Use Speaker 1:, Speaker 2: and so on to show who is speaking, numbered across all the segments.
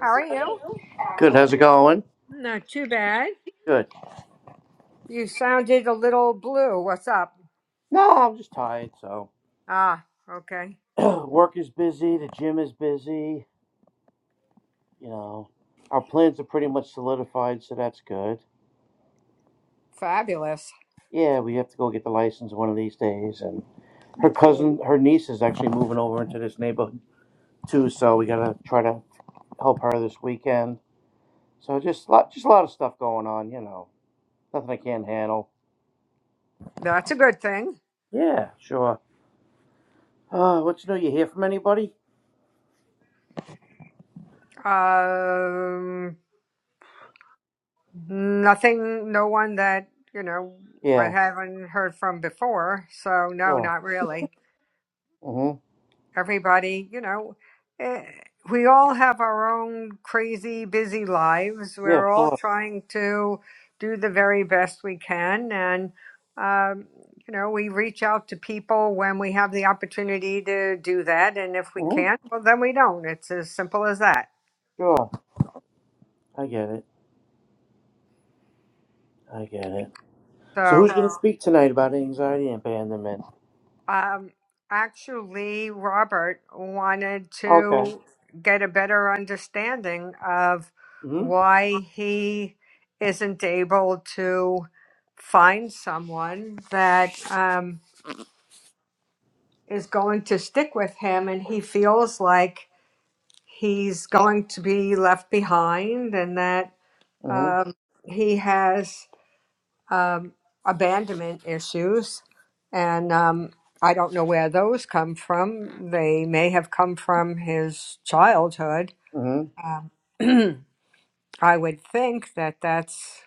Speaker 1: How are you?
Speaker 2: How's it going?
Speaker 1: Not too bad.
Speaker 2: Good.
Speaker 1: You sounded a little blue. What's up?
Speaker 2: No, I'm just tired. So,
Speaker 1: Ah, okay.
Speaker 2: work is busy. The gym is busy. You know, our plans are pretty much solidified, so that's good.
Speaker 1: Fabulous.
Speaker 2: Yeah, we have to go get the license one of these days. And her cousin, her niece, is actually moving over into this neighborhood too. So we gotta try to help her this weekend. So just lot, just a lot of stuff going on. You know, nothing I can't handle.
Speaker 1: That's a good thing.
Speaker 2: Yeah, sure. Uh, what's new? You hear from anybody?
Speaker 1: Um, nothing, no one that, you know, I
Speaker 2: Yeah,
Speaker 1: haven't heard from before. So, no,
Speaker 2: sure.
Speaker 1: not really.
Speaker 2: Mhm.
Speaker 1: everybody, you know, eh, we all have our own crazy, busy lives.
Speaker 2: Yeah,
Speaker 1: We're all
Speaker 2: sure.
Speaker 1: trying to do the very best we can. And, um, you know, we reach out to people when we have the opportunity to do that. And if we
Speaker 2: Mhm.
Speaker 1: can't, well, then we don't. It's as simple as that.
Speaker 2: Sure. I get it. I get it. So who
Speaker 1: So,
Speaker 2: speak tonight about anxiety and abandonment?
Speaker 1: Um, actually, Robert wanted
Speaker 2: Okay.
Speaker 1: to get a better understanding of
Speaker 2: Mm-hmm.
Speaker 1: why he isn't able to find someone that um, is going to stick with him, and he feels like he's going to be left behind, and that
Speaker 2: Mm-hmm.
Speaker 1: um, he has. um, abandonment issues, and um, I don't know where those come from. They may have come from his childhood.
Speaker 2: Mm-hmm.
Speaker 1: Um, I would think that that's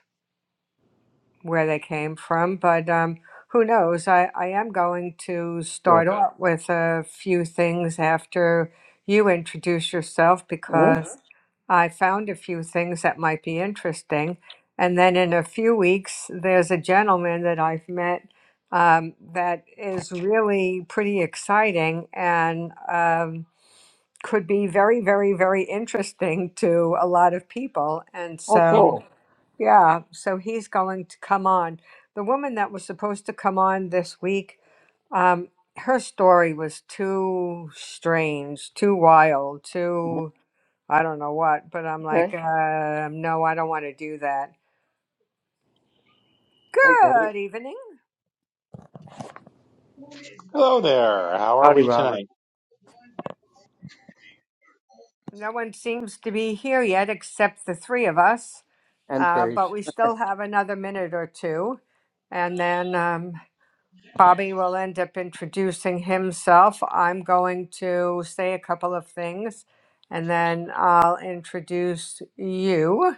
Speaker 1: where they came from, but um, who knows? I, I am going to
Speaker 2: Sure.
Speaker 1: start out with a few things after you introduce yourself
Speaker 2: Mm-hmm.
Speaker 1: because I found a few things that might be interesting. And then in a few weeks, there's a gentleman that I've met um, that is really pretty exciting and um, could be very, very, very interesting to a lot of people. And
Speaker 2: Oh,
Speaker 1: so,
Speaker 2: cool.
Speaker 1: yeah, so he's going to come on. The woman that was supposed to come on this week, um, her story was too strange, too wild,
Speaker 2: Mhm.
Speaker 1: too I don't know what, but I'm like,
Speaker 2: Okay.
Speaker 1: uh, no, I don't want to do that.
Speaker 2: I get it.
Speaker 1: Good evening.
Speaker 3: Hello there. How are
Speaker 2: Howdy,
Speaker 3: we
Speaker 2: Robert.
Speaker 3: tonight?
Speaker 1: No one seems to be here yet except the three of us,
Speaker 2: And
Speaker 1: uh, but
Speaker 2: Trace.
Speaker 1: we still have another minute or two. And then um, Bobby will end up introducing himself. I'm going to say a couple of things and then I'll introduce you.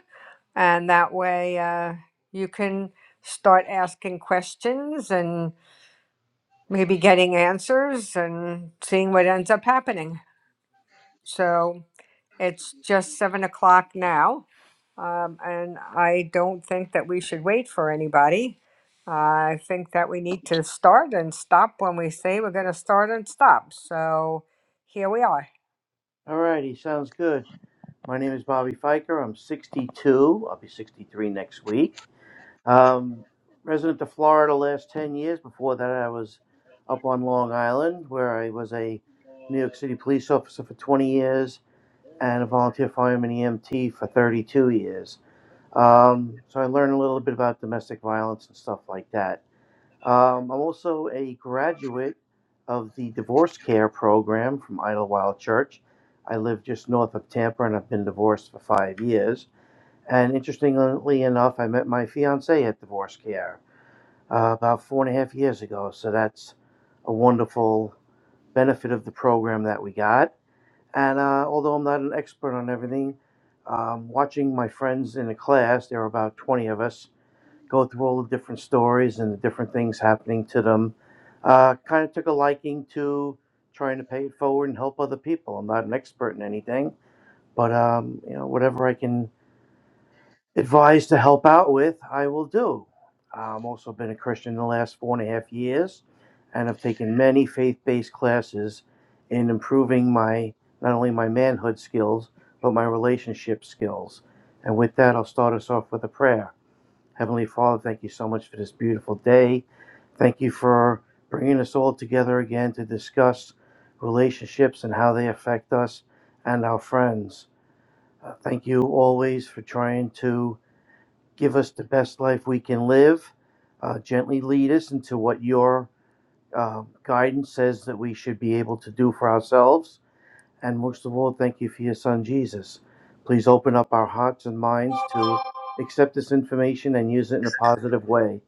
Speaker 1: And that way uh, you can start asking questions and maybe getting answers and seeing what ends up happening. So it's just seven o'clock now. Um, and I don't think that we should wait for anybody. Uh, I think that we need to start and stop when we say we're going to start and stop. So here we are.
Speaker 2: Alrighty. Sounds good. My name is Bobby Fiker. I'm 62. I'll be 63 next week. Um, resident of Florida last 10 years. Before that, I was up on Long Island where I was a New York City police officer for 20 years and a volunteer fireman EMT for 32 years. Um, so I learned a little bit about domestic violence and stuff like that. Um, I'm also a graduate of the divorce care program from Idlewild Church. I live just north of Tampa and I've been divorced for five years. And interestingly enough, I met my fiance at divorce care uh, about four and a half years ago. So that's a wonderful benefit of the program that we got. And uh, although I'm not an expert on everything, um, watching my friends in the class, there were about 20 of us, go through all the different stories and the different things happening to them, uh, kind of took a liking to trying to pay it forward and help other people. I'm not an expert in anything, but um, you know whatever I can advised to help out with, I will do. i have also been a Christian the last four and a half years, and I've taken many faith-based classes in improving my not only my manhood skills but my relationship skills. And with that, I'll start us off with a prayer. Heavenly Father, thank you so much for this beautiful day. Thank you for bringing us all together again to discuss relationships and how they affect us and our friends. Uh, thank you always for trying to give us the best life we can live, uh, gently lead us into what your uh, guidance says that we should be able to do for ourselves. And most of all, thank you for your son, Jesus. Please open up our hearts and minds to accept this information and use it in a positive way,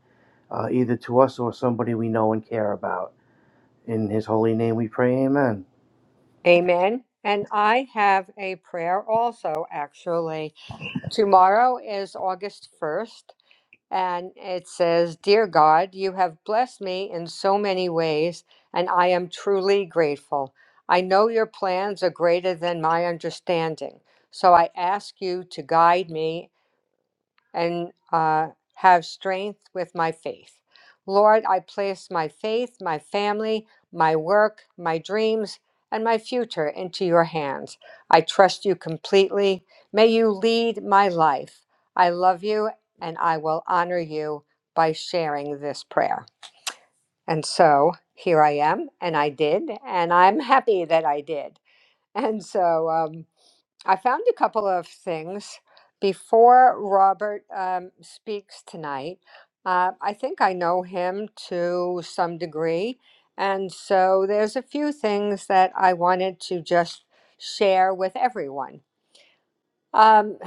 Speaker 2: uh, either to us or somebody we know and care about. In his holy name we pray, amen.
Speaker 1: Amen. And I have a prayer also, actually. Tomorrow is August 1st. And it says, Dear God, you have blessed me in so many ways, and I am truly grateful. I know your plans are greater than my understanding. So I ask you to guide me and uh, have strength with my faith. Lord, I place my faith, my family, my work, my dreams, and my future into your hands. I trust you completely. May you lead my life. I love you and I will honor you by sharing this prayer. And so here I am, and I did, and I'm happy that I did. And so, um, I found a couple of things before Robert um, speaks tonight. Uh, I think I know him to some degree. And so there's a few things that I wanted to just share with everyone. Um,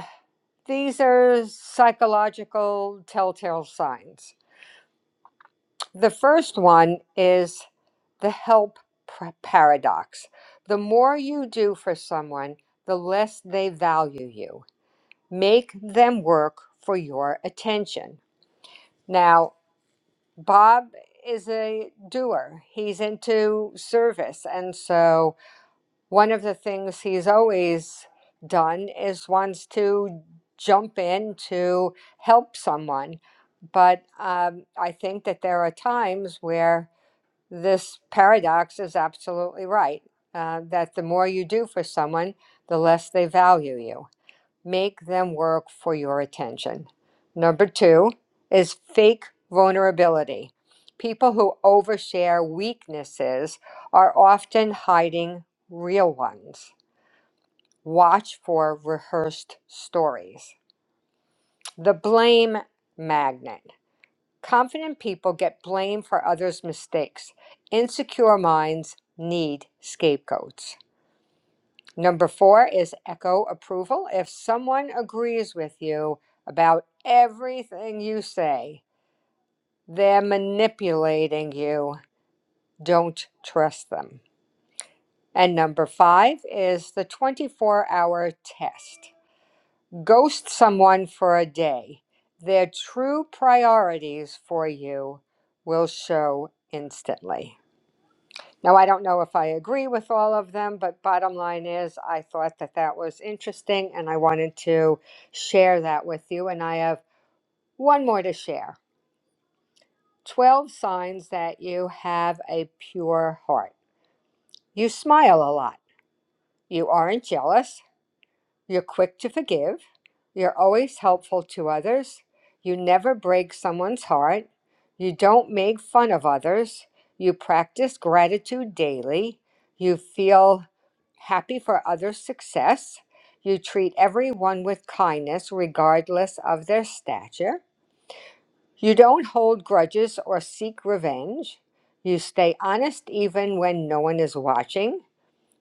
Speaker 1: these are psychological telltale signs. The first one is the help par- paradox. The more you do for someone, the less they value you. make them work for your attention. Now, Bob is a doer, he's into service. And so, one of the things he's always done is wants to jump in to help someone. But um, I think that there are times where this paradox is absolutely right uh, that the more you do for someone, the less they value you. Make them work for your attention. Number two is fake vulnerability. People who overshare weaknesses are often hiding real ones. Watch for rehearsed stories. The blame magnet. Confident people get blamed for others' mistakes. Insecure minds need scapegoats. Number four is echo approval. If someone agrees with you about everything you say, they're manipulating you. Don't trust them. And number five is the 24 hour test. Ghost someone for a day. Their true priorities for you will show instantly. Now, I don't know if I agree with all of them, but bottom line is, I thought that that was interesting and I wanted to share that with you. And I have one more to share 12 signs that you have a pure heart. You smile a lot. You aren't jealous. You're quick to forgive. You're always helpful to others. You never break someone's heart. You don't make fun of others. You practice gratitude daily. You feel happy for others' success. You treat everyone with kindness, regardless of their stature. You don't hold grudges or seek revenge. You stay honest even when no one is watching.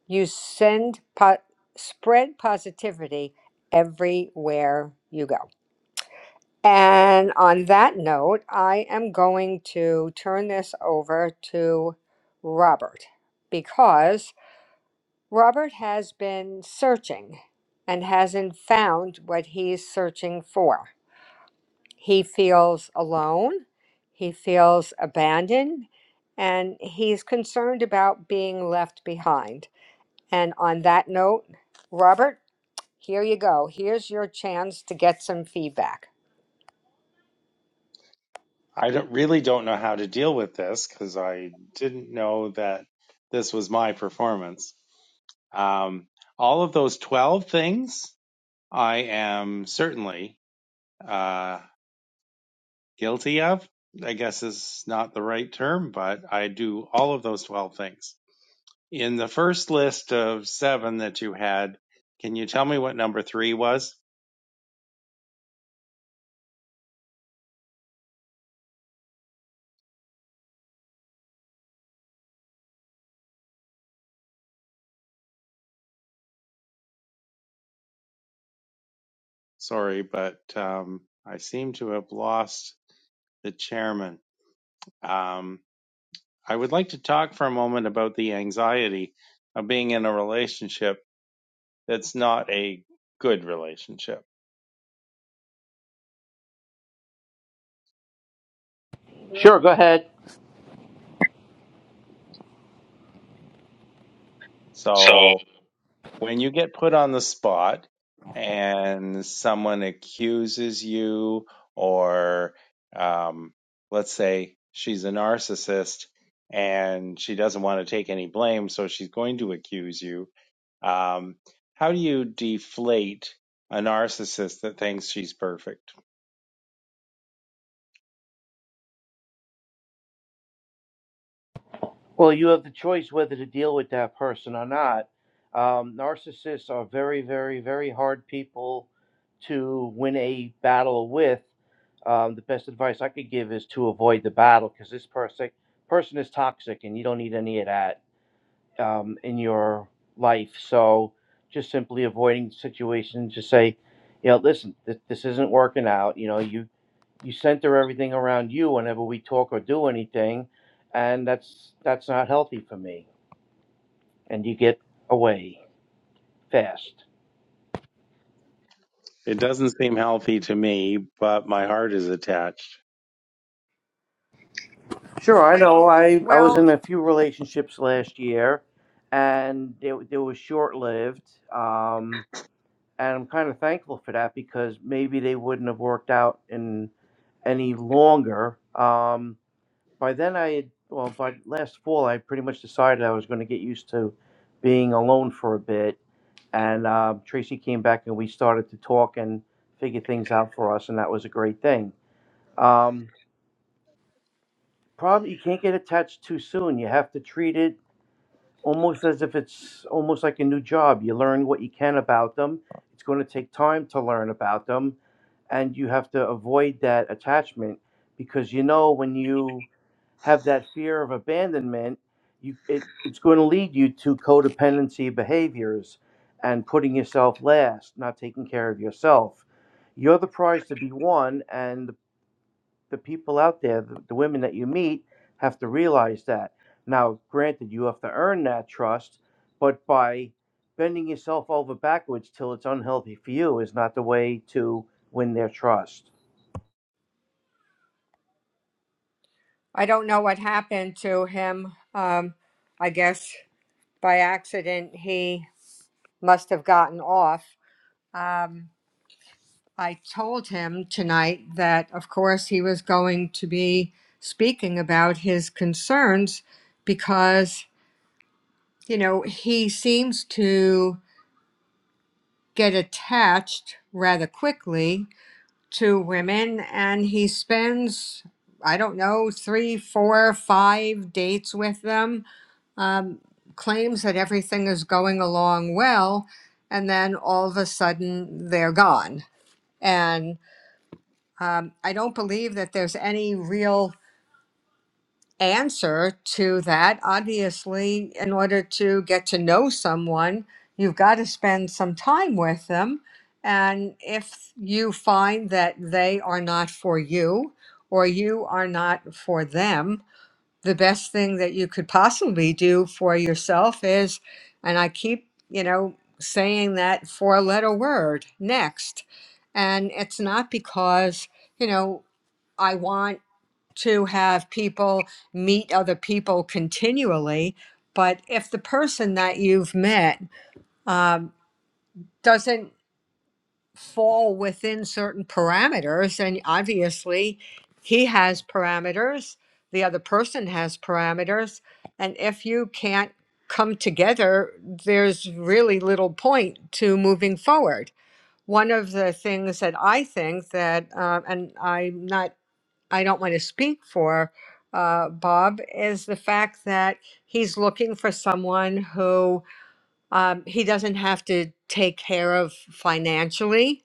Speaker 1: You send po- spread positivity everywhere you go. And on that note, I am going to turn this over to Robert because Robert has been searching and hasn't found what he's searching for. He feels alone, he feels abandoned, and he's concerned about being left behind. And on that note, Robert, Here you go. Here's your chance to get some feedback.
Speaker 3: I don't, really don't know how to deal with this because I didn't know that this was my performance. Um, all of those 12 things I am certainly uh, guilty of. I guess is not the right term, but I do all of those 12 things. In the first list of seven that you had, can you tell me what number three was? Sorry, but um, I seem to have lost the chairman. Um, I would like to talk for a moment about the anxiety of being in a relationship that's not a good relationship.
Speaker 2: Sure, go ahead.
Speaker 3: So, when you get put on the spot and someone accuses you, or um, let's say she's a narcissist and she doesn't want to take any blame, so she's going to accuse you. Um, how do you deflate a narcissist that thinks she's perfect?
Speaker 2: Well, you have the choice whether to deal with that person or not. Um, narcissists are very, very, very hard people to win a battle with. Um, the best advice I could give is to avoid the battle because this person person is toxic, and you don't need any of that um, in your life. So, just simply avoiding situations. Just say, you know, listen, th- this isn't working out. You know, you you center everything around you whenever we talk or do anything, and that's that's not healthy for me. And you get away fast.
Speaker 3: It doesn't seem healthy to me, but my heart is attached.
Speaker 2: Sure, I know. I I was
Speaker 1: Well,
Speaker 2: in a few relationships last year, and they they were short lived. Um, and I'm kind of thankful for that because maybe they wouldn't have worked out in any longer. Um, by then I had well by last fall I pretty much decided I was going to get used to being alone for a bit And uh, Tracy came back and we started to talk and figure things out for us, and that was a great thing. Um, problem you can't get attached too soon. You have to treat it almost as if it's almost like a new job. You learn what you can about them. It's going to take time to learn about them, and you have to avoid that attachment because you know when you have that fear of abandonment, you, it, it's going to lead you to codependency behaviors and putting yourself last, not taking care of yourself. You're the prize to be won, and the, the people out there, the, the women that you meet, have to realize that. Now, granted, you have to earn that trust, but by bending yourself over backwards till it's unhealthy for you is not the way to win their trust.
Speaker 1: I don't know what happened to him. Um, I guess by accident he must have gotten off. Um, I told him tonight that, of course, he was going to be speaking about his concerns because, you know, he seems to get attached rather quickly to women and he spends i don't know three four five dates with them um, claims that everything is going along well and then all of a sudden they're gone and um, i don't believe that there's any real answer to that. Obviously, in order to get to know someone, you've got to spend some time with them. And if you find that they are not for you or you are not for them, the best thing that you could possibly do for yourself is, and I keep, you know, saying that four letter word next. And it's not because, you know, I want to have people meet other people continually. But if the person that you've met um, doesn't fall within certain parameters, and obviously he has parameters, the other person has parameters, and if you can't come together, there's really little point to moving forward. One of the things that I think that, uh, and I'm not I don't want to speak for uh, Bob is the fact that he's looking for someone who um, he doesn't have to take care of financially.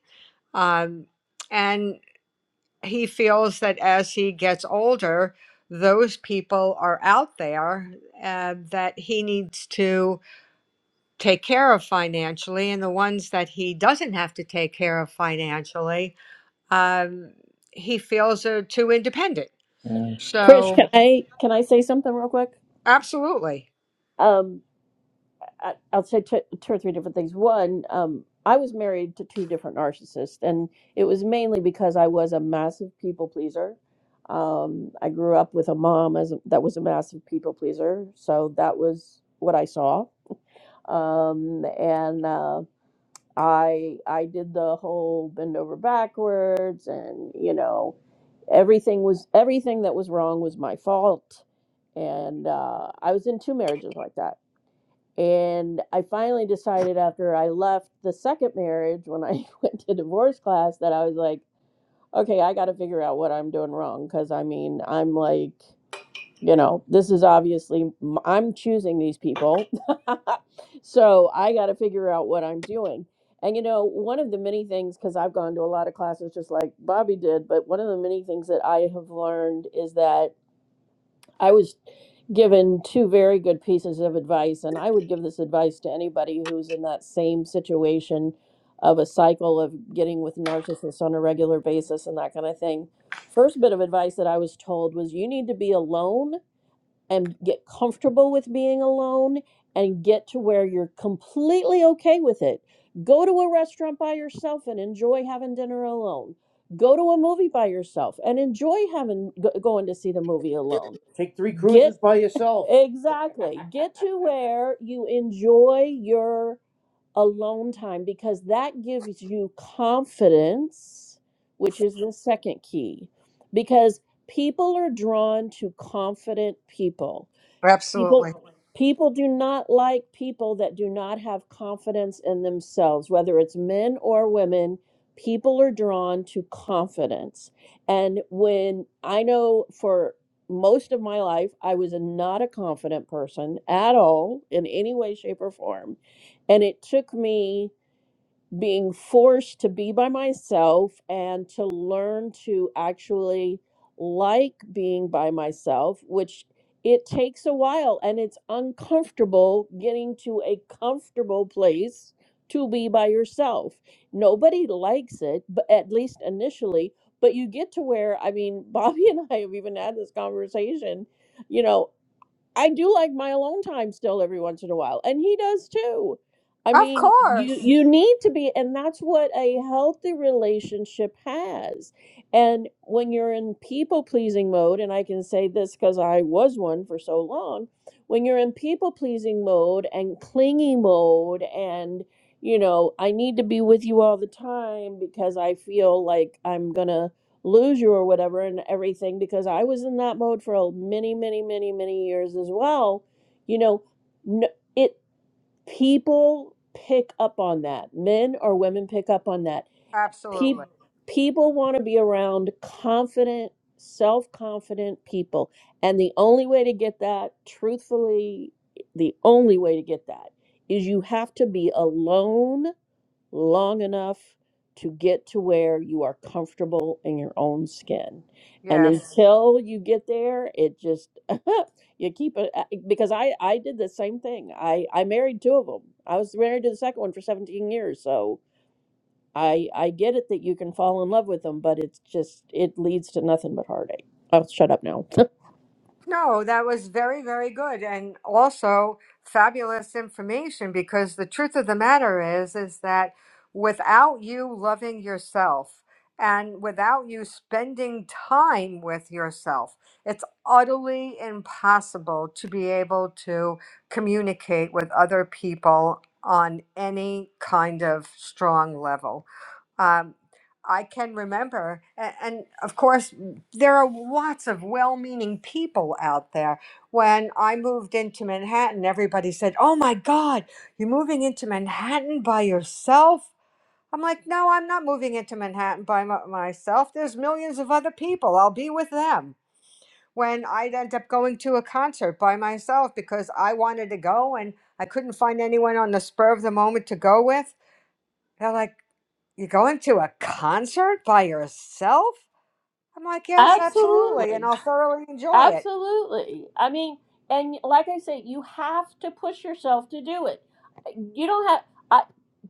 Speaker 1: Um, and he feels that as he gets older, those people are out there uh, that he needs to take care of financially. And the ones that he doesn't have to take care of financially, um, he feels are too independent.
Speaker 2: Trish,
Speaker 1: So.
Speaker 2: can I can I say something real quick?
Speaker 1: Absolutely.
Speaker 2: Um, I, I'll say t- two or three different things. One, um, I was married to two different narcissists, and it was mainly because I was a massive people pleaser. Um, I grew up with a mom as a, that was a massive people pleaser, so that was what I saw. Um, and uh, I I did the whole bend over backwards, and you know, everything was everything that was wrong was my fault, and uh, I was in two marriages like that and I finally decided after I left the second marriage, when I went to divorce class, that I was like, okay, I got to figure out what I'm doing wrong. Cause I mean, I'm like, you know, this is obviously, m- I'm choosing these people. so I got to figure out what I'm doing. And, you know, one of the many things, because I've gone to a lot of classes just like Bobby did, but one of the many things that I have learned is that I was given two very good pieces of advice, and I would give this advice to anybody who's in that same situation of a cycle of getting with narcissists on a regular basis and that kind of thing. First bit of advice that I was told was you need to be alone and get comfortable with being alone and get to where you're completely okay with it. Go to a restaurant by yourself and enjoy having dinner alone. Go to a movie by yourself and enjoy having go, going to see the movie alone. Take three Get cruises Get by yourself. Exactly. Get to where you enjoy your alone time because that gives you confidence, which is the second key. Because people are drawn to confident people People,
Speaker 1: Absolutely.
Speaker 2: people do not like people that do not have confidence in themselves, whether it's men or women. People are drawn to confidence. And when I know for most of my life, I was not a confident person at all in any way, shape, or form. And it took me being forced to be by myself and to learn to actually like being by myself, which it takes a while and it's uncomfortable getting to a comfortable place to be by yourself. Nobody likes it, but at least initially, but you get to where I mean, Bobby and I have even had this conversation. You know, I do like my alone time still every once in a while, and he does too. I
Speaker 1: Of
Speaker 2: mean, you
Speaker 1: course.
Speaker 2: you need to be, and that's what a healthy relationship has. And when you're in people pleasing mode, and I can say this because I was one for so long, when you're in people pleasing mode and clingy mode, and you know, I need to be with you all the time because I feel like I'm gonna lose you or whatever and everything because I was in that mode for many many many many years as well you know n it people pick up on that men or women pick up on that Pe- Mhm.
Speaker 1: Absolutely.
Speaker 2: people want to be around confident self-confident people and the only way to get that truthfully the only way to get that is you have to be alone long enough to get to where you are comfortable in your own skin. And Yeah.
Speaker 1: Yes.
Speaker 2: until you get there, it just you keep it I- because I I did the same thing. I I married two of them. I was married to the second one for 17 years, so I I get it that you can fall in love with them, but it's just it leads to nothing but heartache. I'll shut up now.
Speaker 1: No, that was very, very good and also fabulous information because the truth of the matter is is that without you loving yourself and without you spending time with yourself, it's utterly impossible to be able to communicate with other people on any kind of strong level. Um, I can remember, a- and of course, there are lots of well meaning people out there. When I moved into Manhattan, everybody said, Oh my God, you're moving into Manhattan by yourself? I'm like, No, I'm not moving into Manhattan by my- myself. There's millions of other people. I'll be with them. When I'd end up going to a concert by myself because I wanted to go and I couldn't find anyone on the spur of the moment to go with, they're like, you're going to a concert by yourself? I'm like, Yes, absolutely. And
Speaker 2: Absolutely.
Speaker 1: I'll thoroughly enjoy it.
Speaker 2: Absolutely. I mean, and like I say, you have to push yourself to do it. You don't have. I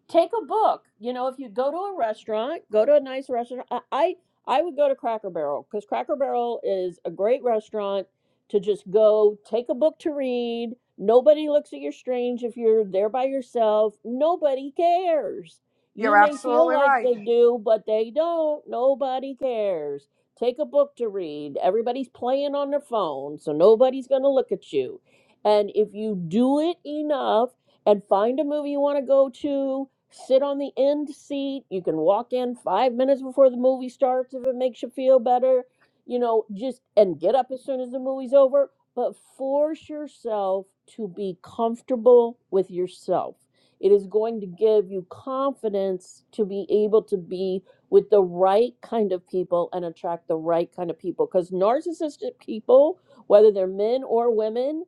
Speaker 2: take a book. You know, if you go to a restaurant, go to a nice restaurant. I I, I would go to Cracker Barrel because Cracker Barrel is a great restaurant to just go take a book to read. Nobody looks at you strange if you're there by yourself. Nobody cares.
Speaker 1: You're
Speaker 2: You may feel
Speaker 1: absolutely
Speaker 2: like
Speaker 1: right.
Speaker 2: they do, but they don't. Nobody cares take a book to read. Everybody's playing on their phone, so nobody's going to look at you. And if you do it enough and find a movie you want to go to, sit on the end seat. You can walk in five minutes before the movie starts if it makes you feel better, you know, just and get up as soon as the movie's over. But force yourself to be comfortable with yourself. It is going to give you confidence to be able to be with the right kind of people and attract the right kind of people. Because narcissistic people, whether they're men or women,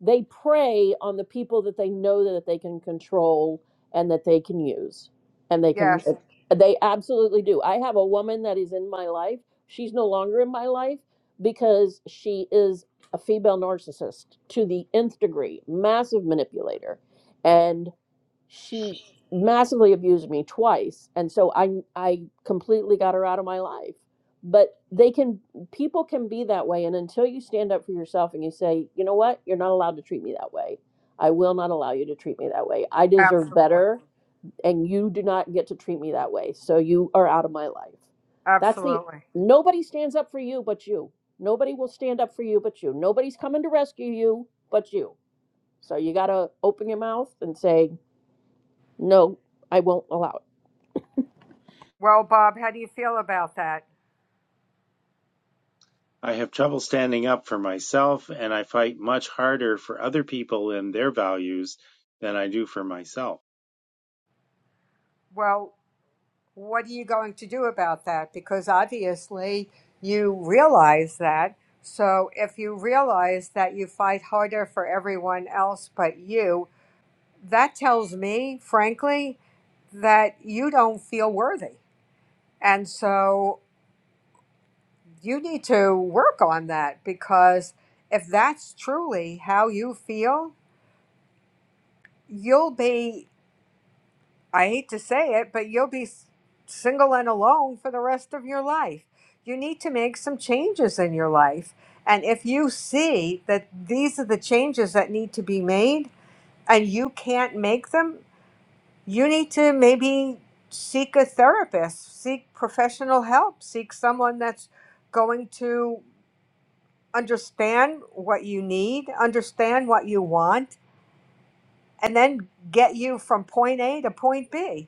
Speaker 2: they prey on the people that they know that they can control and that they can use. And they can,
Speaker 1: Yes,
Speaker 2: they absolutely do. I have a woman that is in my life. She's no longer in my life because she is a female narcissist to the nth degree, massive manipulator. And she massively abused me twice and so i i completely got her out of my life but they can people can be that way and until you stand up for yourself and you say you know what you're not allowed to treat me that way i will not allow you to treat me that way i deserve
Speaker 1: absolutely.
Speaker 2: better and you do not get to treat me that way so you are out of my life that's the
Speaker 1: Absolutely.
Speaker 2: nobody stands up for you but you nobody will stand up for you but you nobody's coming to rescue you but you so you got to open your mouth and say no, I won't allow
Speaker 1: Well, Bob, how do you feel about that?
Speaker 3: I have trouble standing up for myself, and I fight much harder for other people and their values than I do for myself.
Speaker 1: Well, what are you going to do about that? Because obviously you realize that. So if you realize that you fight harder for everyone else but you, that tells me, frankly, that you don't feel worthy. And so you need to work on that because if that's truly how you feel, you'll be, I hate to say it, but you'll be s- single and alone for the rest of your life. You need to make some changes in your life. And if you see that these are the changes that need to be made and you can't make them, you need to maybe seek a therapist, seek professional help, seek someone that's going to understand what you need, understand what you want, and then get you from point A to point B.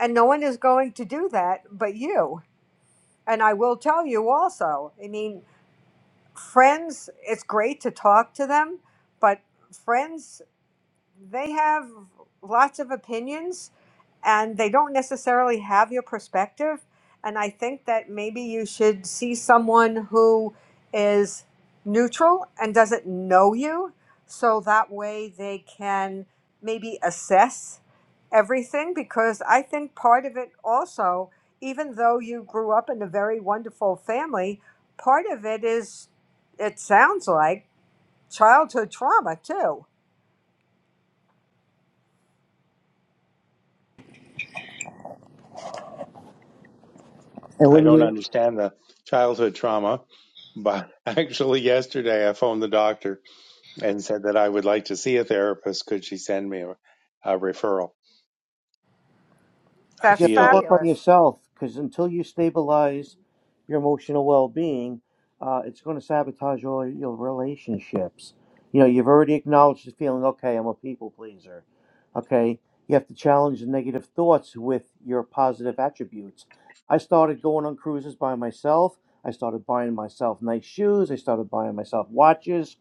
Speaker 1: And no one is going to do that but you. And I will tell you also, I mean, friends, it's great to talk to them, but friends, they have lots of opinions and they don't necessarily have your perspective. And I think that maybe you should see someone who is neutral and doesn't know you, so that way they can maybe assess everything. Because I think part of it also, even though you grew up in a very wonderful family, part of it is, it sounds like, childhood trauma too.
Speaker 2: it. And
Speaker 3: I
Speaker 2: when
Speaker 3: don't
Speaker 2: you
Speaker 3: understand the childhood trauma, but actually, yesterday I phoned the doctor and said that I would like to see a therapist. Could she send me a, a referral? I
Speaker 2: because you
Speaker 1: That's
Speaker 2: have to
Speaker 3: feel,
Speaker 2: work on
Speaker 1: fabulous.
Speaker 2: yourself because until you stabilize your emotional well-being uh, it's going to sabotage all your relationships you know you've already acknowledged the feeling okay i'm a people pleaser okay you have to challenge the negative thoughts with your positive attributes i started going on cruises by myself i started buying myself nice shoes i started buying myself watches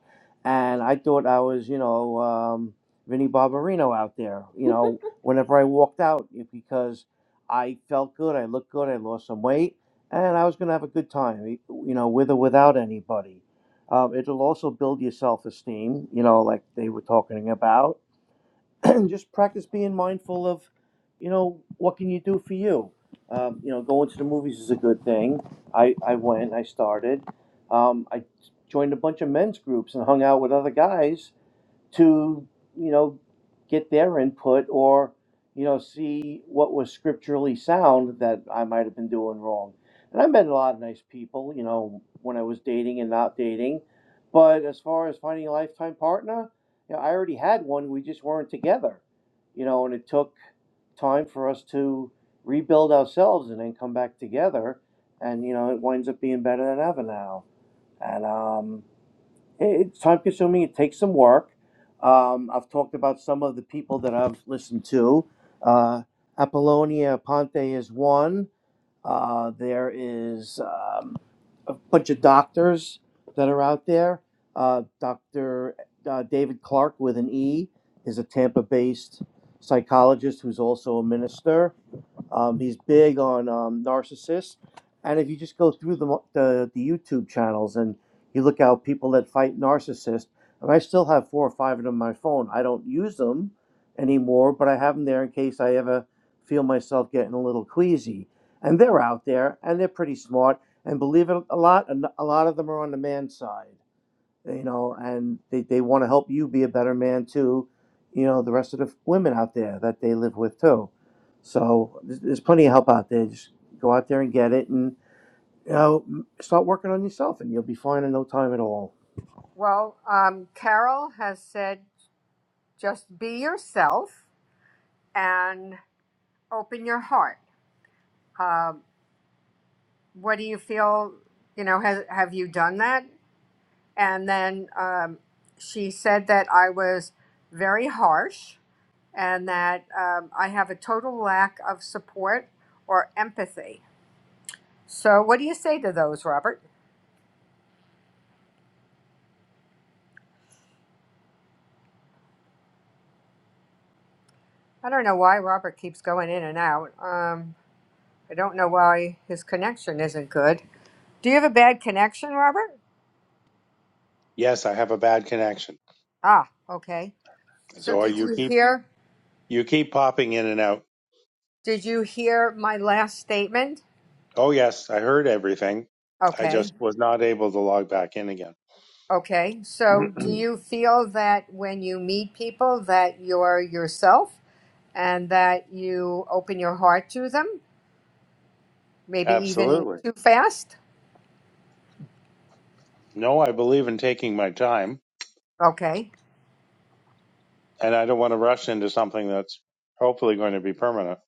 Speaker 2: and i thought i was you know um, vinnie barbarino out there you know whenever i walked out because I felt good. I looked good. I lost some weight, and I was going to have a good time, you know, with or without anybody. Um, it'll also build your self esteem, you know, like they were talking about. And just practice being mindful of, you know, what can you do for you. Um, you know, going to the movies is a good thing. I, I went. I started. Um, I joined a bunch of men's groups and hung out with other guys to you know get their input or you know see what was scripturally sound that I might have been doing wrong. And I met a lot of nice people, you know, when I was dating and not dating. But as far as finding a lifetime partner, you know, I already had one. We just weren't together, you know. And it took time for us to rebuild ourselves and then come back together. And you know, it winds up being better than ever now. And um, it's time consuming. It takes some work. Um, I've talked about some of the people that I've listened to. Uh, Apollonia Ponte is one. Uh, there is um, a bunch of doctors that are out there. Uh, Dr. Uh, David Clark with an E is a Tampa based psychologist who's also a minister. Um, he's big on um, narcissists, and if you just go through the, the the YouTube channels and you look out people that fight narcissists, and I still have four or five of them on my phone. I don't use them anymore, but I have them there in case I ever feel myself getting a little queasy. And they're out there, and they're pretty smart. And believe it a lot, a lot of them are on the man side you know, and they, they want to help you be a better man too, you know, the rest of the women out there that they live with too. So there's, there's plenty of help out there. Just go out there and get it and, you know, m- start working on yourself and you'll be fine in no time at all.
Speaker 1: Well, um, Carol has said just be yourself and open your heart. Um, what do you feel? You know, has, have you done that? And then um, she said that I was very harsh and that um, I have a total lack of support or empathy. So, what do you say to those, Robert? I don't know why Robert keeps going in and out. Um, I don't know why his connection isn't good. Do you have a bad connection, Robert?
Speaker 3: yes, I have a bad connection.
Speaker 1: Ah, okay. So,
Speaker 3: So
Speaker 1: did
Speaker 3: you
Speaker 1: you
Speaker 3: keep,
Speaker 1: hear?
Speaker 3: you keep popping in and out.
Speaker 1: Did you hear my last statement?
Speaker 3: Oh, yes, I heard everything. I
Speaker 1: Okay.
Speaker 3: just was not able to log back in again.
Speaker 1: Okay. So, do you feel that when you meet people that you're yourself and that you open your heart to them, maybe even
Speaker 3: Absolutely.
Speaker 1: too fast?
Speaker 3: No, I believe in taking my time,
Speaker 1: Okay.
Speaker 3: and I don't want to rush into something that's hopefully going to be permanent.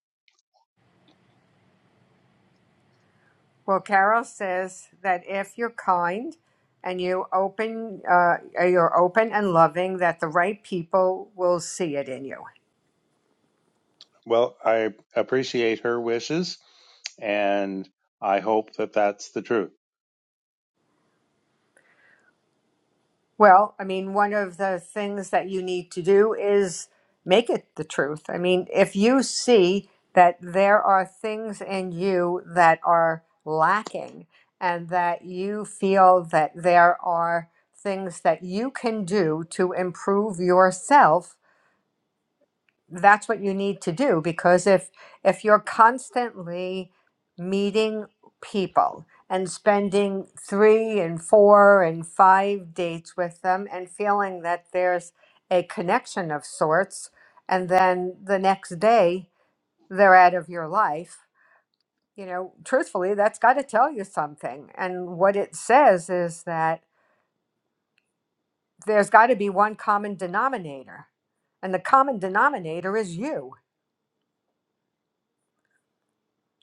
Speaker 1: Well, Carol says that if you're kind and you open uh, you're open and loving that the right people will see it in you.
Speaker 3: Well, I appreciate her wishes, and I hope that that's the truth.
Speaker 1: Well, I mean, one of the things that you need to do is make it the truth. I mean, if you see that there are things in you that are lacking and that you feel that there are things that you can do to improve yourself, that's what you need to do because if if you're constantly meeting people and spending three and four and five dates with them and feeling that there's a connection of sorts and then the next day they're out of your life you know truthfully that's got to tell you something and what it says is that there's got to be one common denominator and the common denominator is you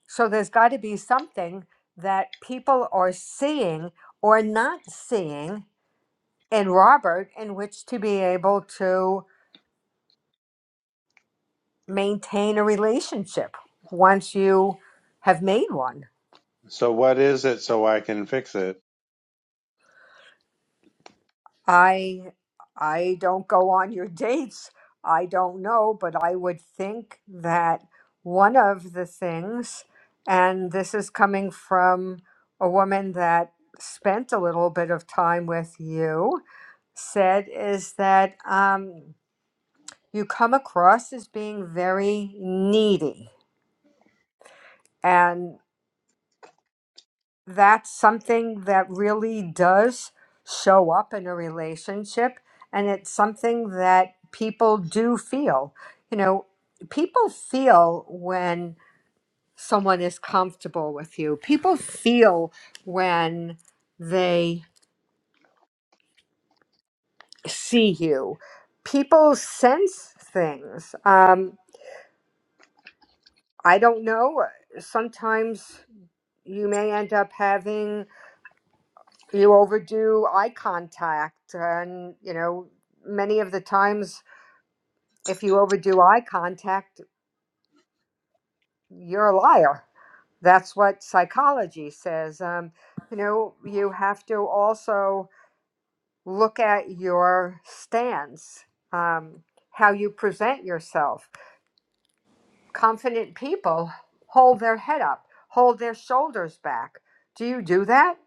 Speaker 1: So there's got to be something that people are seeing or not seeing in Robert in which to be able to maintain a relationship once you have made one.
Speaker 3: So, what is it so I can fix it?
Speaker 1: I I don't go on your dates. I don't know, but I would think that one of the things and this is coming from a woman that spent a little bit of time with you said is that um, you come across as being very needy. And that's something that really does show up in a relationship. And it's something that people do feel. You know, people feel when someone is comfortable with you, people feel when they see you. People sense things. Um, I don't know. uh, Sometimes you may end up having you overdo eye contact. And, you know, many of the times, if you overdo eye contact, you're a liar. That's what psychology says. Um, you know, you have to also look at your stance, um, how you present yourself. Confident people hold their head up, hold their shoulders back. Do you do that?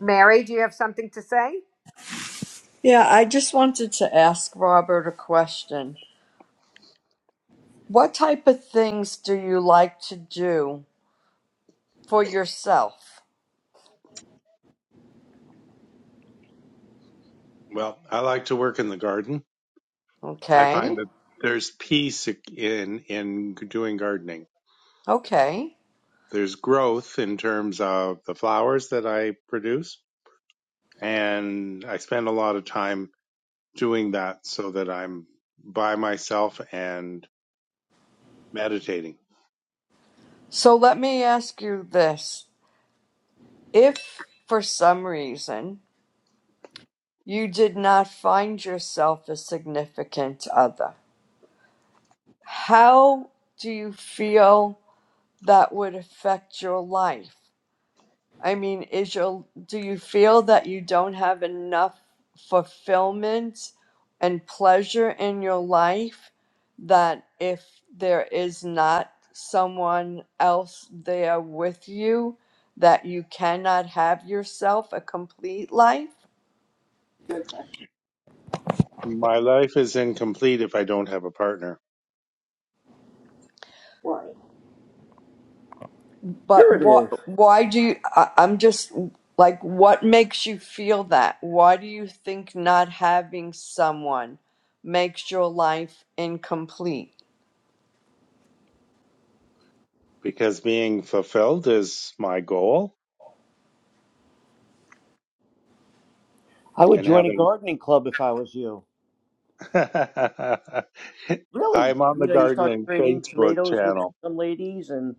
Speaker 1: Mary, do you have something to say?
Speaker 4: Yeah, I just wanted to ask Robert a question. What type of things do you like to do for yourself?
Speaker 3: Well, I like to work in the garden. I find
Speaker 4: Okay.
Speaker 3: that there's peace in in doing gardening.
Speaker 4: Okay.
Speaker 3: There's growth in terms of the flowers that I produce and I spend a lot of time doing that so that I'm by myself and meditating.
Speaker 4: So let me ask you this. If for some reason you did not find yourself a significant other, how do you feel that would affect your life? I mean, is your do you feel that you don't have enough fulfillment and pleasure in your life that if there is not someone else there with you that you cannot have yourself a complete life?
Speaker 3: My life is incomplete if I don't have a partner
Speaker 2: Right.
Speaker 4: But
Speaker 2: Sure it is.
Speaker 4: what why do you I, I'm just like what makes you feel that? Why do you think not having someone makes your life incomplete?
Speaker 3: because being fulfilled is my goal
Speaker 2: I would
Speaker 3: and
Speaker 2: join a
Speaker 3: having
Speaker 2: gardening club if I was you. Really,
Speaker 3: I'm on
Speaker 2: you
Speaker 3: the
Speaker 2: know, you start
Speaker 3: gardening
Speaker 2: trading
Speaker 3: Facebook
Speaker 2: tomatoes with
Speaker 3: channel.
Speaker 2: some ladies, and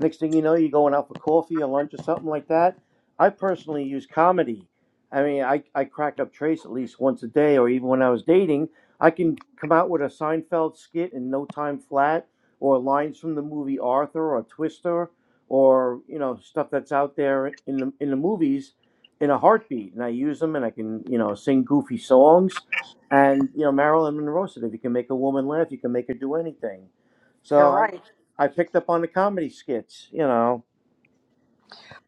Speaker 2: next thing you know, you're going out for coffee or lunch or something like that. I personally use comedy. I mean, I, I crack up Trace at least once a day, or even when I was dating, I can come out with a Seinfeld skit in no time flat, or lines from the movie Arthur or Twister, or you know stuff that's out there in the in the movies in a heartbeat, and I use them, and I can you know sing goofy songs and you know, Marilyn Monroe said, if you can make a woman laugh, you can make her do anything. So
Speaker 1: You're
Speaker 2: I,
Speaker 1: right.
Speaker 2: I picked up on the comedy skits. You know,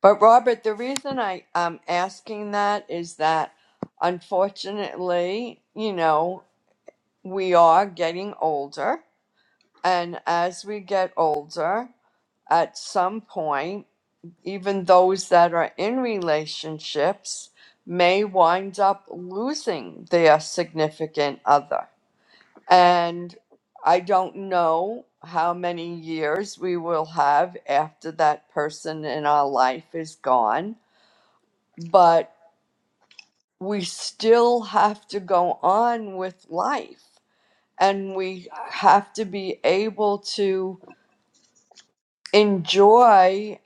Speaker 4: But Robert, the reason I am asking that is that unfortunately, you know, we are getting older. And as we get older, at some point, even those that are in relationships may wind up losing their significant other. And I don't know how many years we will have after that person in our life is gone, but we still have to go on with life and we have to be able to enjoy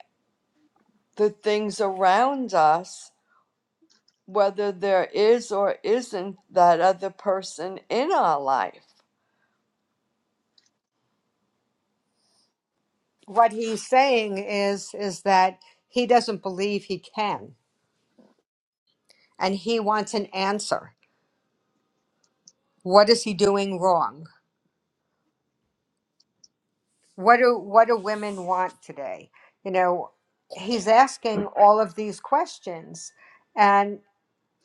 Speaker 4: the things around us, whether there is or isn't that other person in our life.
Speaker 1: What he's saying is is that he doesn't believe he can and he wants an answer. What is he doing wrong? What do what do women want today? You know, he's asking all of these questions and.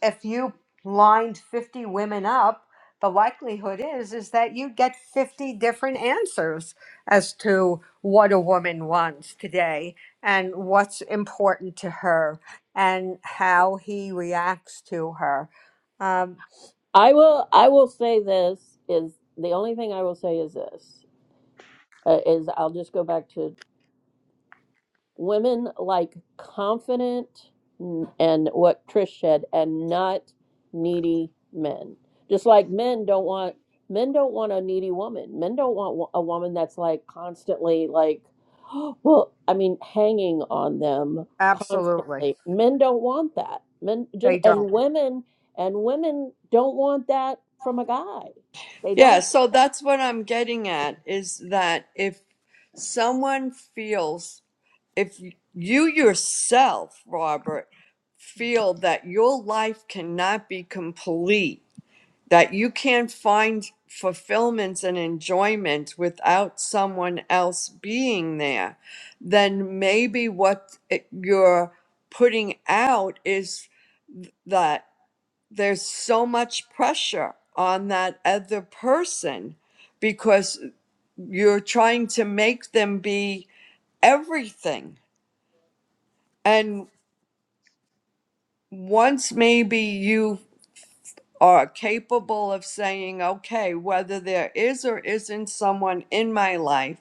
Speaker 1: if you lined 50 women up the likelihood is is that you get 50 different answers as to what a woman wants today and what's important to her and how he reacts to her um,
Speaker 2: I will. I will say this is the only thing I will say is this uh, is I'll just go back to women like confident and what Trish said, and not needy men. Just like men don't want men don't want a needy woman. Men don't want wo- a woman that's like constantly like, well, I mean, hanging on them
Speaker 1: absolutely
Speaker 2: constantly. Men don't want that. Men just
Speaker 1: they don't
Speaker 2: and women and women don't want that from a guy. They don't
Speaker 4: Yeah, so that's what I'm getting at is that if someone feels, if you yourself, Robert, feel that your life cannot be complete that you can not find fulfillments and enjoyment without someone else being there, then maybe what it- you're putting out is that there's so much pressure on that other person because you're trying to make them be everything. And once maybe you are capable of saying, okay, whether there is or isn't someone in my life,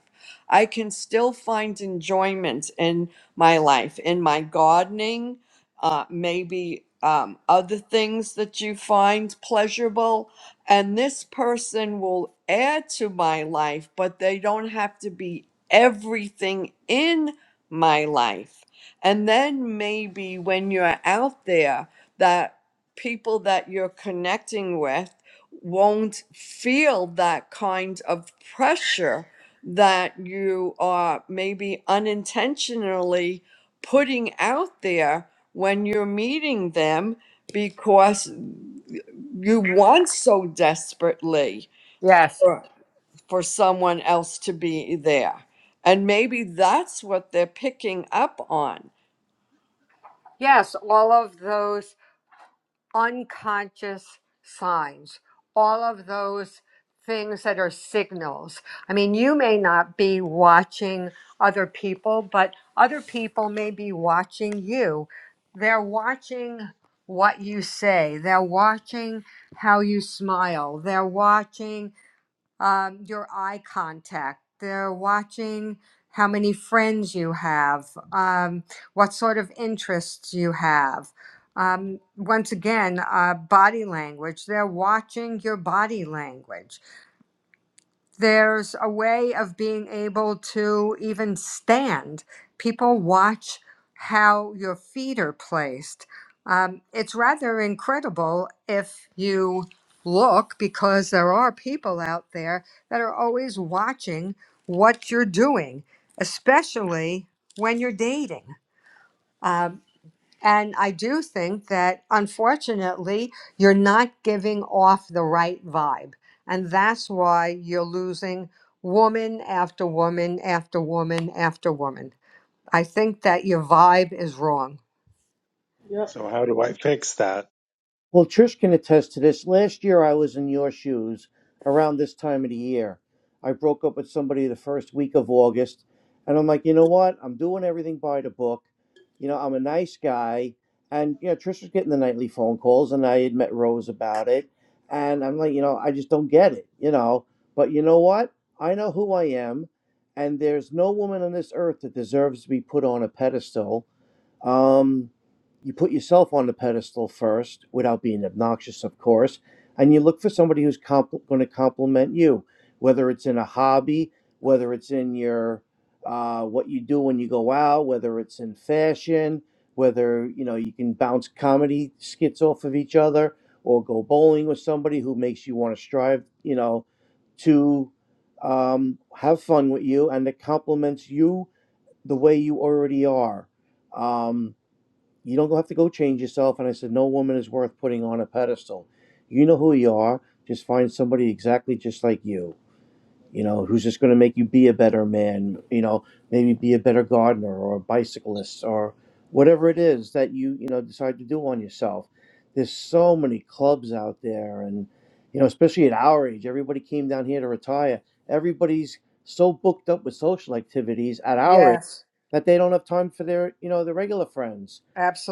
Speaker 4: I can still find enjoyment in my life, in my gardening, uh, maybe um, other things that you find pleasurable. And this person will add to my life, but they don't have to be everything in my life. And then maybe when you're out there, that people that you're connecting with won't feel that kind of pressure that you are maybe unintentionally putting out there when you're meeting them because you want so desperately
Speaker 1: yes
Speaker 4: for, for someone else to be there. And maybe that's what they're picking up on
Speaker 1: yes all of those unconscious signs, all of those things that are signals. I mean, you may not be watching other people, but other people may be watching you. They're watching what you say, they're watching how you smile, they're watching um, your eye contact. They're watching how many friends you have, um, what sort of interests you have. Um, once again, uh, body language. They're watching your body language there's a way of being able to even stand. People watch how your feet are placed. Um, it's rather incredible if you look, because there are people out there that are always watching what you're doing, especially when you're dating. Um, and I do think that unfortunately, you're not giving off the right vibe. And that's why you're losing woman after woman after woman after woman. I think that your vibe is wrong.
Speaker 3: So how do I fix that?
Speaker 2: Well, Trish can attest to this. Last year, I was in your shoes around this time of the year. I broke up with somebody the first week of August, and I'm like, you know what? I'm doing everything by the book. You know, I'm a nice guy. And, you know, Trish was getting the nightly phone calls, and I had met Rose about it. And I'm like, you know, I just don't get it, you know. But you know what? I know who I am, and there's no woman on this earth that deserves to be put on a pedestal um, you put yourself on the pedestal first without being obnoxious, of course, and you look for somebody who's compl- going to compliment you, whether it's in a hobby, whether it's in your uh, what you do when you go out, whether it's in fashion, whether you know you can bounce comedy skits off of each other or go bowling with somebody who makes you want to strive, you know, to um, have fun with you and that compliments you the way you already are. Um, you don't have to go change yourself. And I said, No woman is worth putting on a pedestal. You know who you are. Just find somebody exactly just like you you know, who's just going to make you be a better man, you know, maybe be a better gardener or a bicyclist or whatever it is that you, you know, decide to do on yourself. There's so many clubs out there. And, you know, especially at our age, everybody came down here to retire. Everybody's so booked up with social activities at our age
Speaker 1: Yes,
Speaker 2: that they don't have time for their, you know, their regular friends.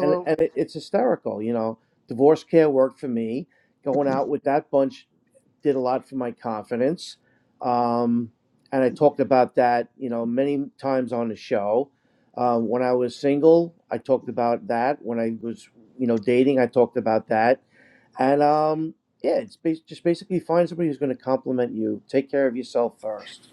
Speaker 2: And, and it, it's hysterical, you know. Divorce care worked for me. Going out with that bunch did a lot for my confidence um, and I talked about that, you know, many times on the show. Uh, when I was single, I talked about that. When I was, you know, dating, I talked about that. And um, yeah, it's bas- just basically find somebody who's going to compliment you. Take care of yourself first.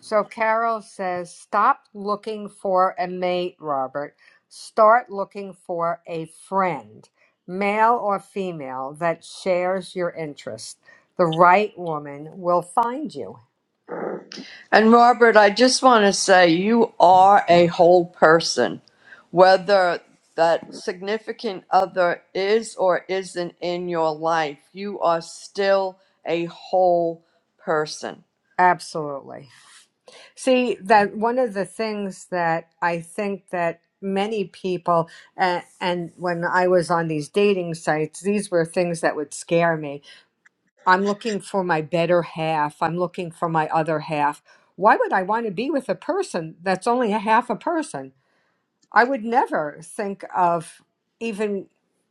Speaker 1: So Carol says, stop looking for a mate, Robert. Start looking for a friend, male or female, that shares your interest. The right woman will find you.
Speaker 4: And Robert, I just want to say you are a whole person, whether that significant other is or isn't in your life, you are still a whole person.
Speaker 1: Absolutely. See, that one of the things that I think that many people and, and when I was on these dating sites, these were things that would scare me. I'm looking for my better half. I'm looking for my other half. Why would I want to be with a person that's only a half a person? I would never think of even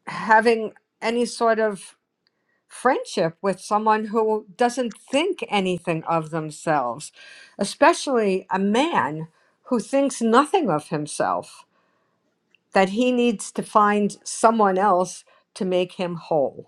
Speaker 1: having any sort of friendship with someone who doesn't think anything of themselves, especially a man who thinks nothing of himself, that he needs to find someone else to make him whole.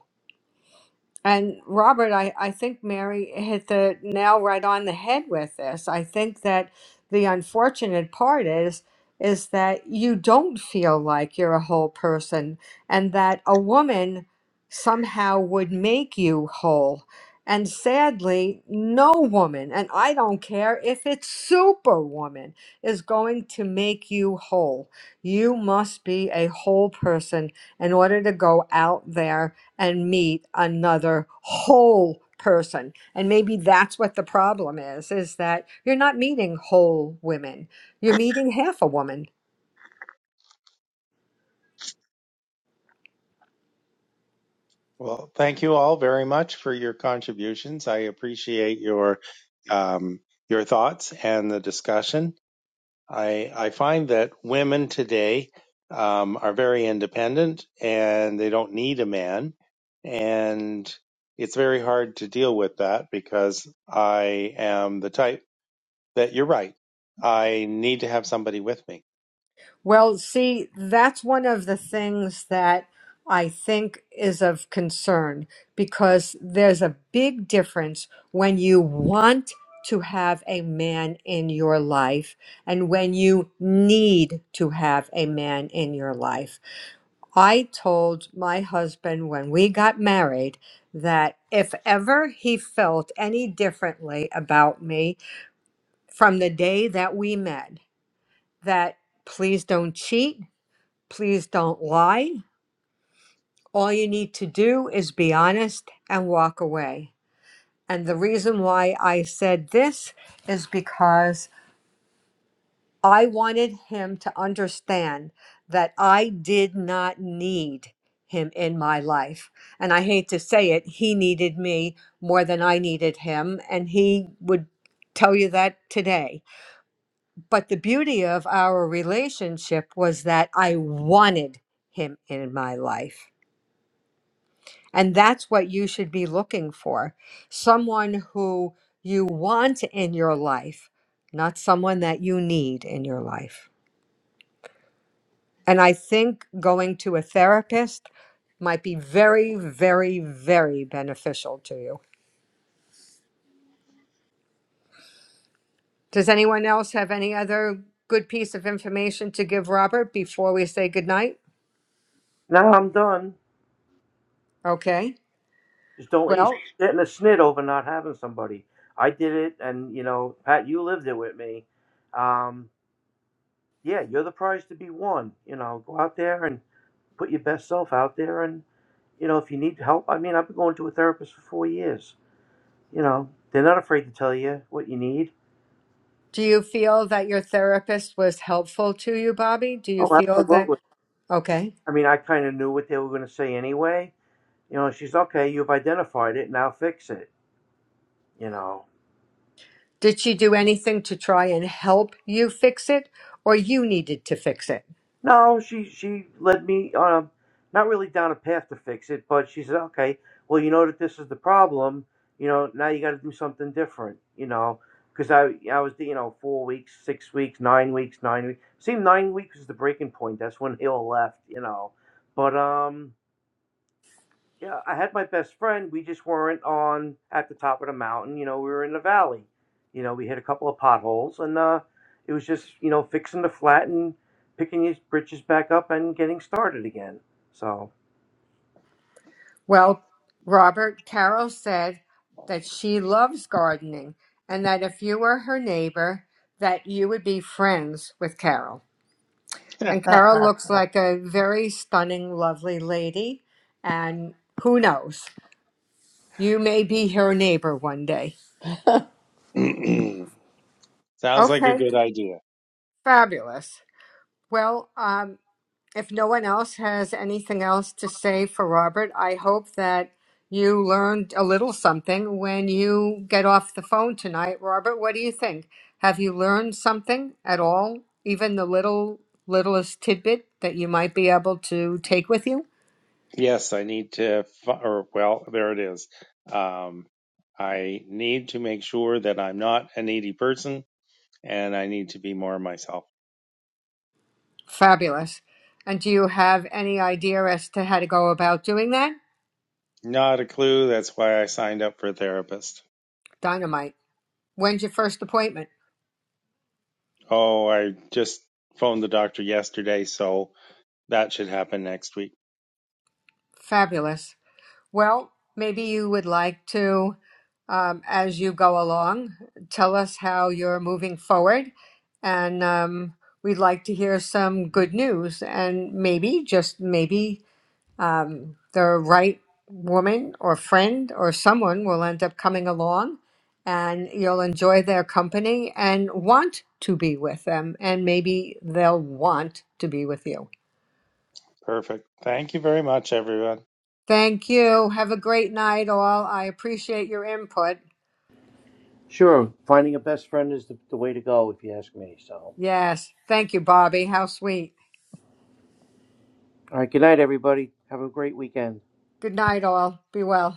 Speaker 1: And Robert, I, I think Mary hit the nail right on the head with this. I think that the unfortunate part is is that you don't feel like you're a whole person and that a woman somehow would make you whole. And sadly, no woman, and I don't care if it's superwoman, is going to make you whole. You must be a whole person in order to go out there and meet another whole person and maybe that's what the problem is is that you're not meeting whole women you're meeting half a woman
Speaker 3: Well, thank you all very much for your contributions. I appreciate your um, your thoughts and the discussion. I I find that women today um, are very independent and they don't need a man, and it's very hard to deal with that because I am the type that you're right. I need to have somebody with me.
Speaker 1: well see that's one of the things that i think is of concern because there's a big difference when you want to have a man in your life and when you need to have a man in your life I told my husband when we got married that if ever he felt any differently about me from the day that we met, that please don't cheat, please don't lie. All you need to do is be honest and walk away. And the reason why I said this is because I wanted him to understand that I did not need him in my life. And I hate to say it, he needed me more than I needed him. And he would tell you that today. But the beauty of our relationship was that I wanted him in my life. And that's what you should be looking for someone who you want in your life, not someone that you need in your life. And I think going to a therapist might be very, very, very beneficial to you. Does anyone else have any other good piece of information to give Robert before we say goodnight?
Speaker 2: Now I'm done.
Speaker 1: Okay.
Speaker 2: Just don't let
Speaker 1: Well,
Speaker 2: yourself sit in a snit over not having somebody. I did it, and you know, Pat, you lived it with me. Um, yeah, you're the prize to be won. You know, go out there and put your best self out there and you know if you need help i mean i've been going to a therapist for four years you know they're not afraid to tell you what you need
Speaker 1: do you feel that your therapist was helpful to you, Bobby? Do you
Speaker 2: oh
Speaker 1: feel that?
Speaker 2: absolutely
Speaker 1: Okay.
Speaker 2: i mean i kind of knew what they were going to say anyway you know she's okay you've identified it now fix it you know
Speaker 1: Did she do anything to try and help you fix it or you needed to fix it?
Speaker 2: No, she she led me um not really down a path to fix it, but she said, "Okay, well, you know that this is the problem. You know, now you got to do something different. You know, because I I was you know four weeks, six weeks, nine weeks, nine weeks. Seemed nine weeks was the breaking point. That's when they all left. You know, but um." yeah, I had my best friend. We just weren't on at the top of the mountain. You know, we were in the valley. You know, we hit a couple of potholes, and uh, it was just you know fixing the flat and picking his britches back up and getting started again. So
Speaker 1: Well, Robert Carroll said that she loves gardening and that if you were her neighbor, that you would be friends with Carol. And Carol looks like a very stunning, lovely lady. And who knows? You may be her neighbor one day.
Speaker 3: Sounds like a
Speaker 1: Okay,
Speaker 3: good idea.
Speaker 1: fabulous. Well, um. if no one else has anything else to say for Robert, I hope that you learned a little something when you get off the phone tonight. Robert, what do you think? Have you learned something at all, even the little littlest tidbit that you might be able to take with you?
Speaker 3: Yes, I need to, fi- or well, there it is. Um, I need to make sure that I'm not a needy person and I need to be more myself.
Speaker 1: Fabulous. And do you have any idea as to how to go about doing that?
Speaker 3: Not a clue. That's why I signed up for a therapist.
Speaker 1: Dynamite. When's your first appointment?
Speaker 3: Oh, I just phoned the doctor yesterday, so that should happen next week.
Speaker 1: Fabulous. Well, maybe you would like to, um, as you go along, tell us how you're moving forward. And um, we'd like to hear some good news. And maybe, just maybe, um, the right woman or friend or someone will end up coming along and you'll enjoy their company and want to be with them. And maybe they'll want to be with you.
Speaker 3: Perfect. Thank you very much, everyone.
Speaker 1: Thank you. Have a great night, all. I appreciate your input.
Speaker 2: sure, finding a best friend is the, the way to go if you ask me. So
Speaker 1: Yes. Thank you, Bobby. How sweet.
Speaker 2: all right, good night, everybody. Have a great weekend.
Speaker 1: Good night, all. Be well.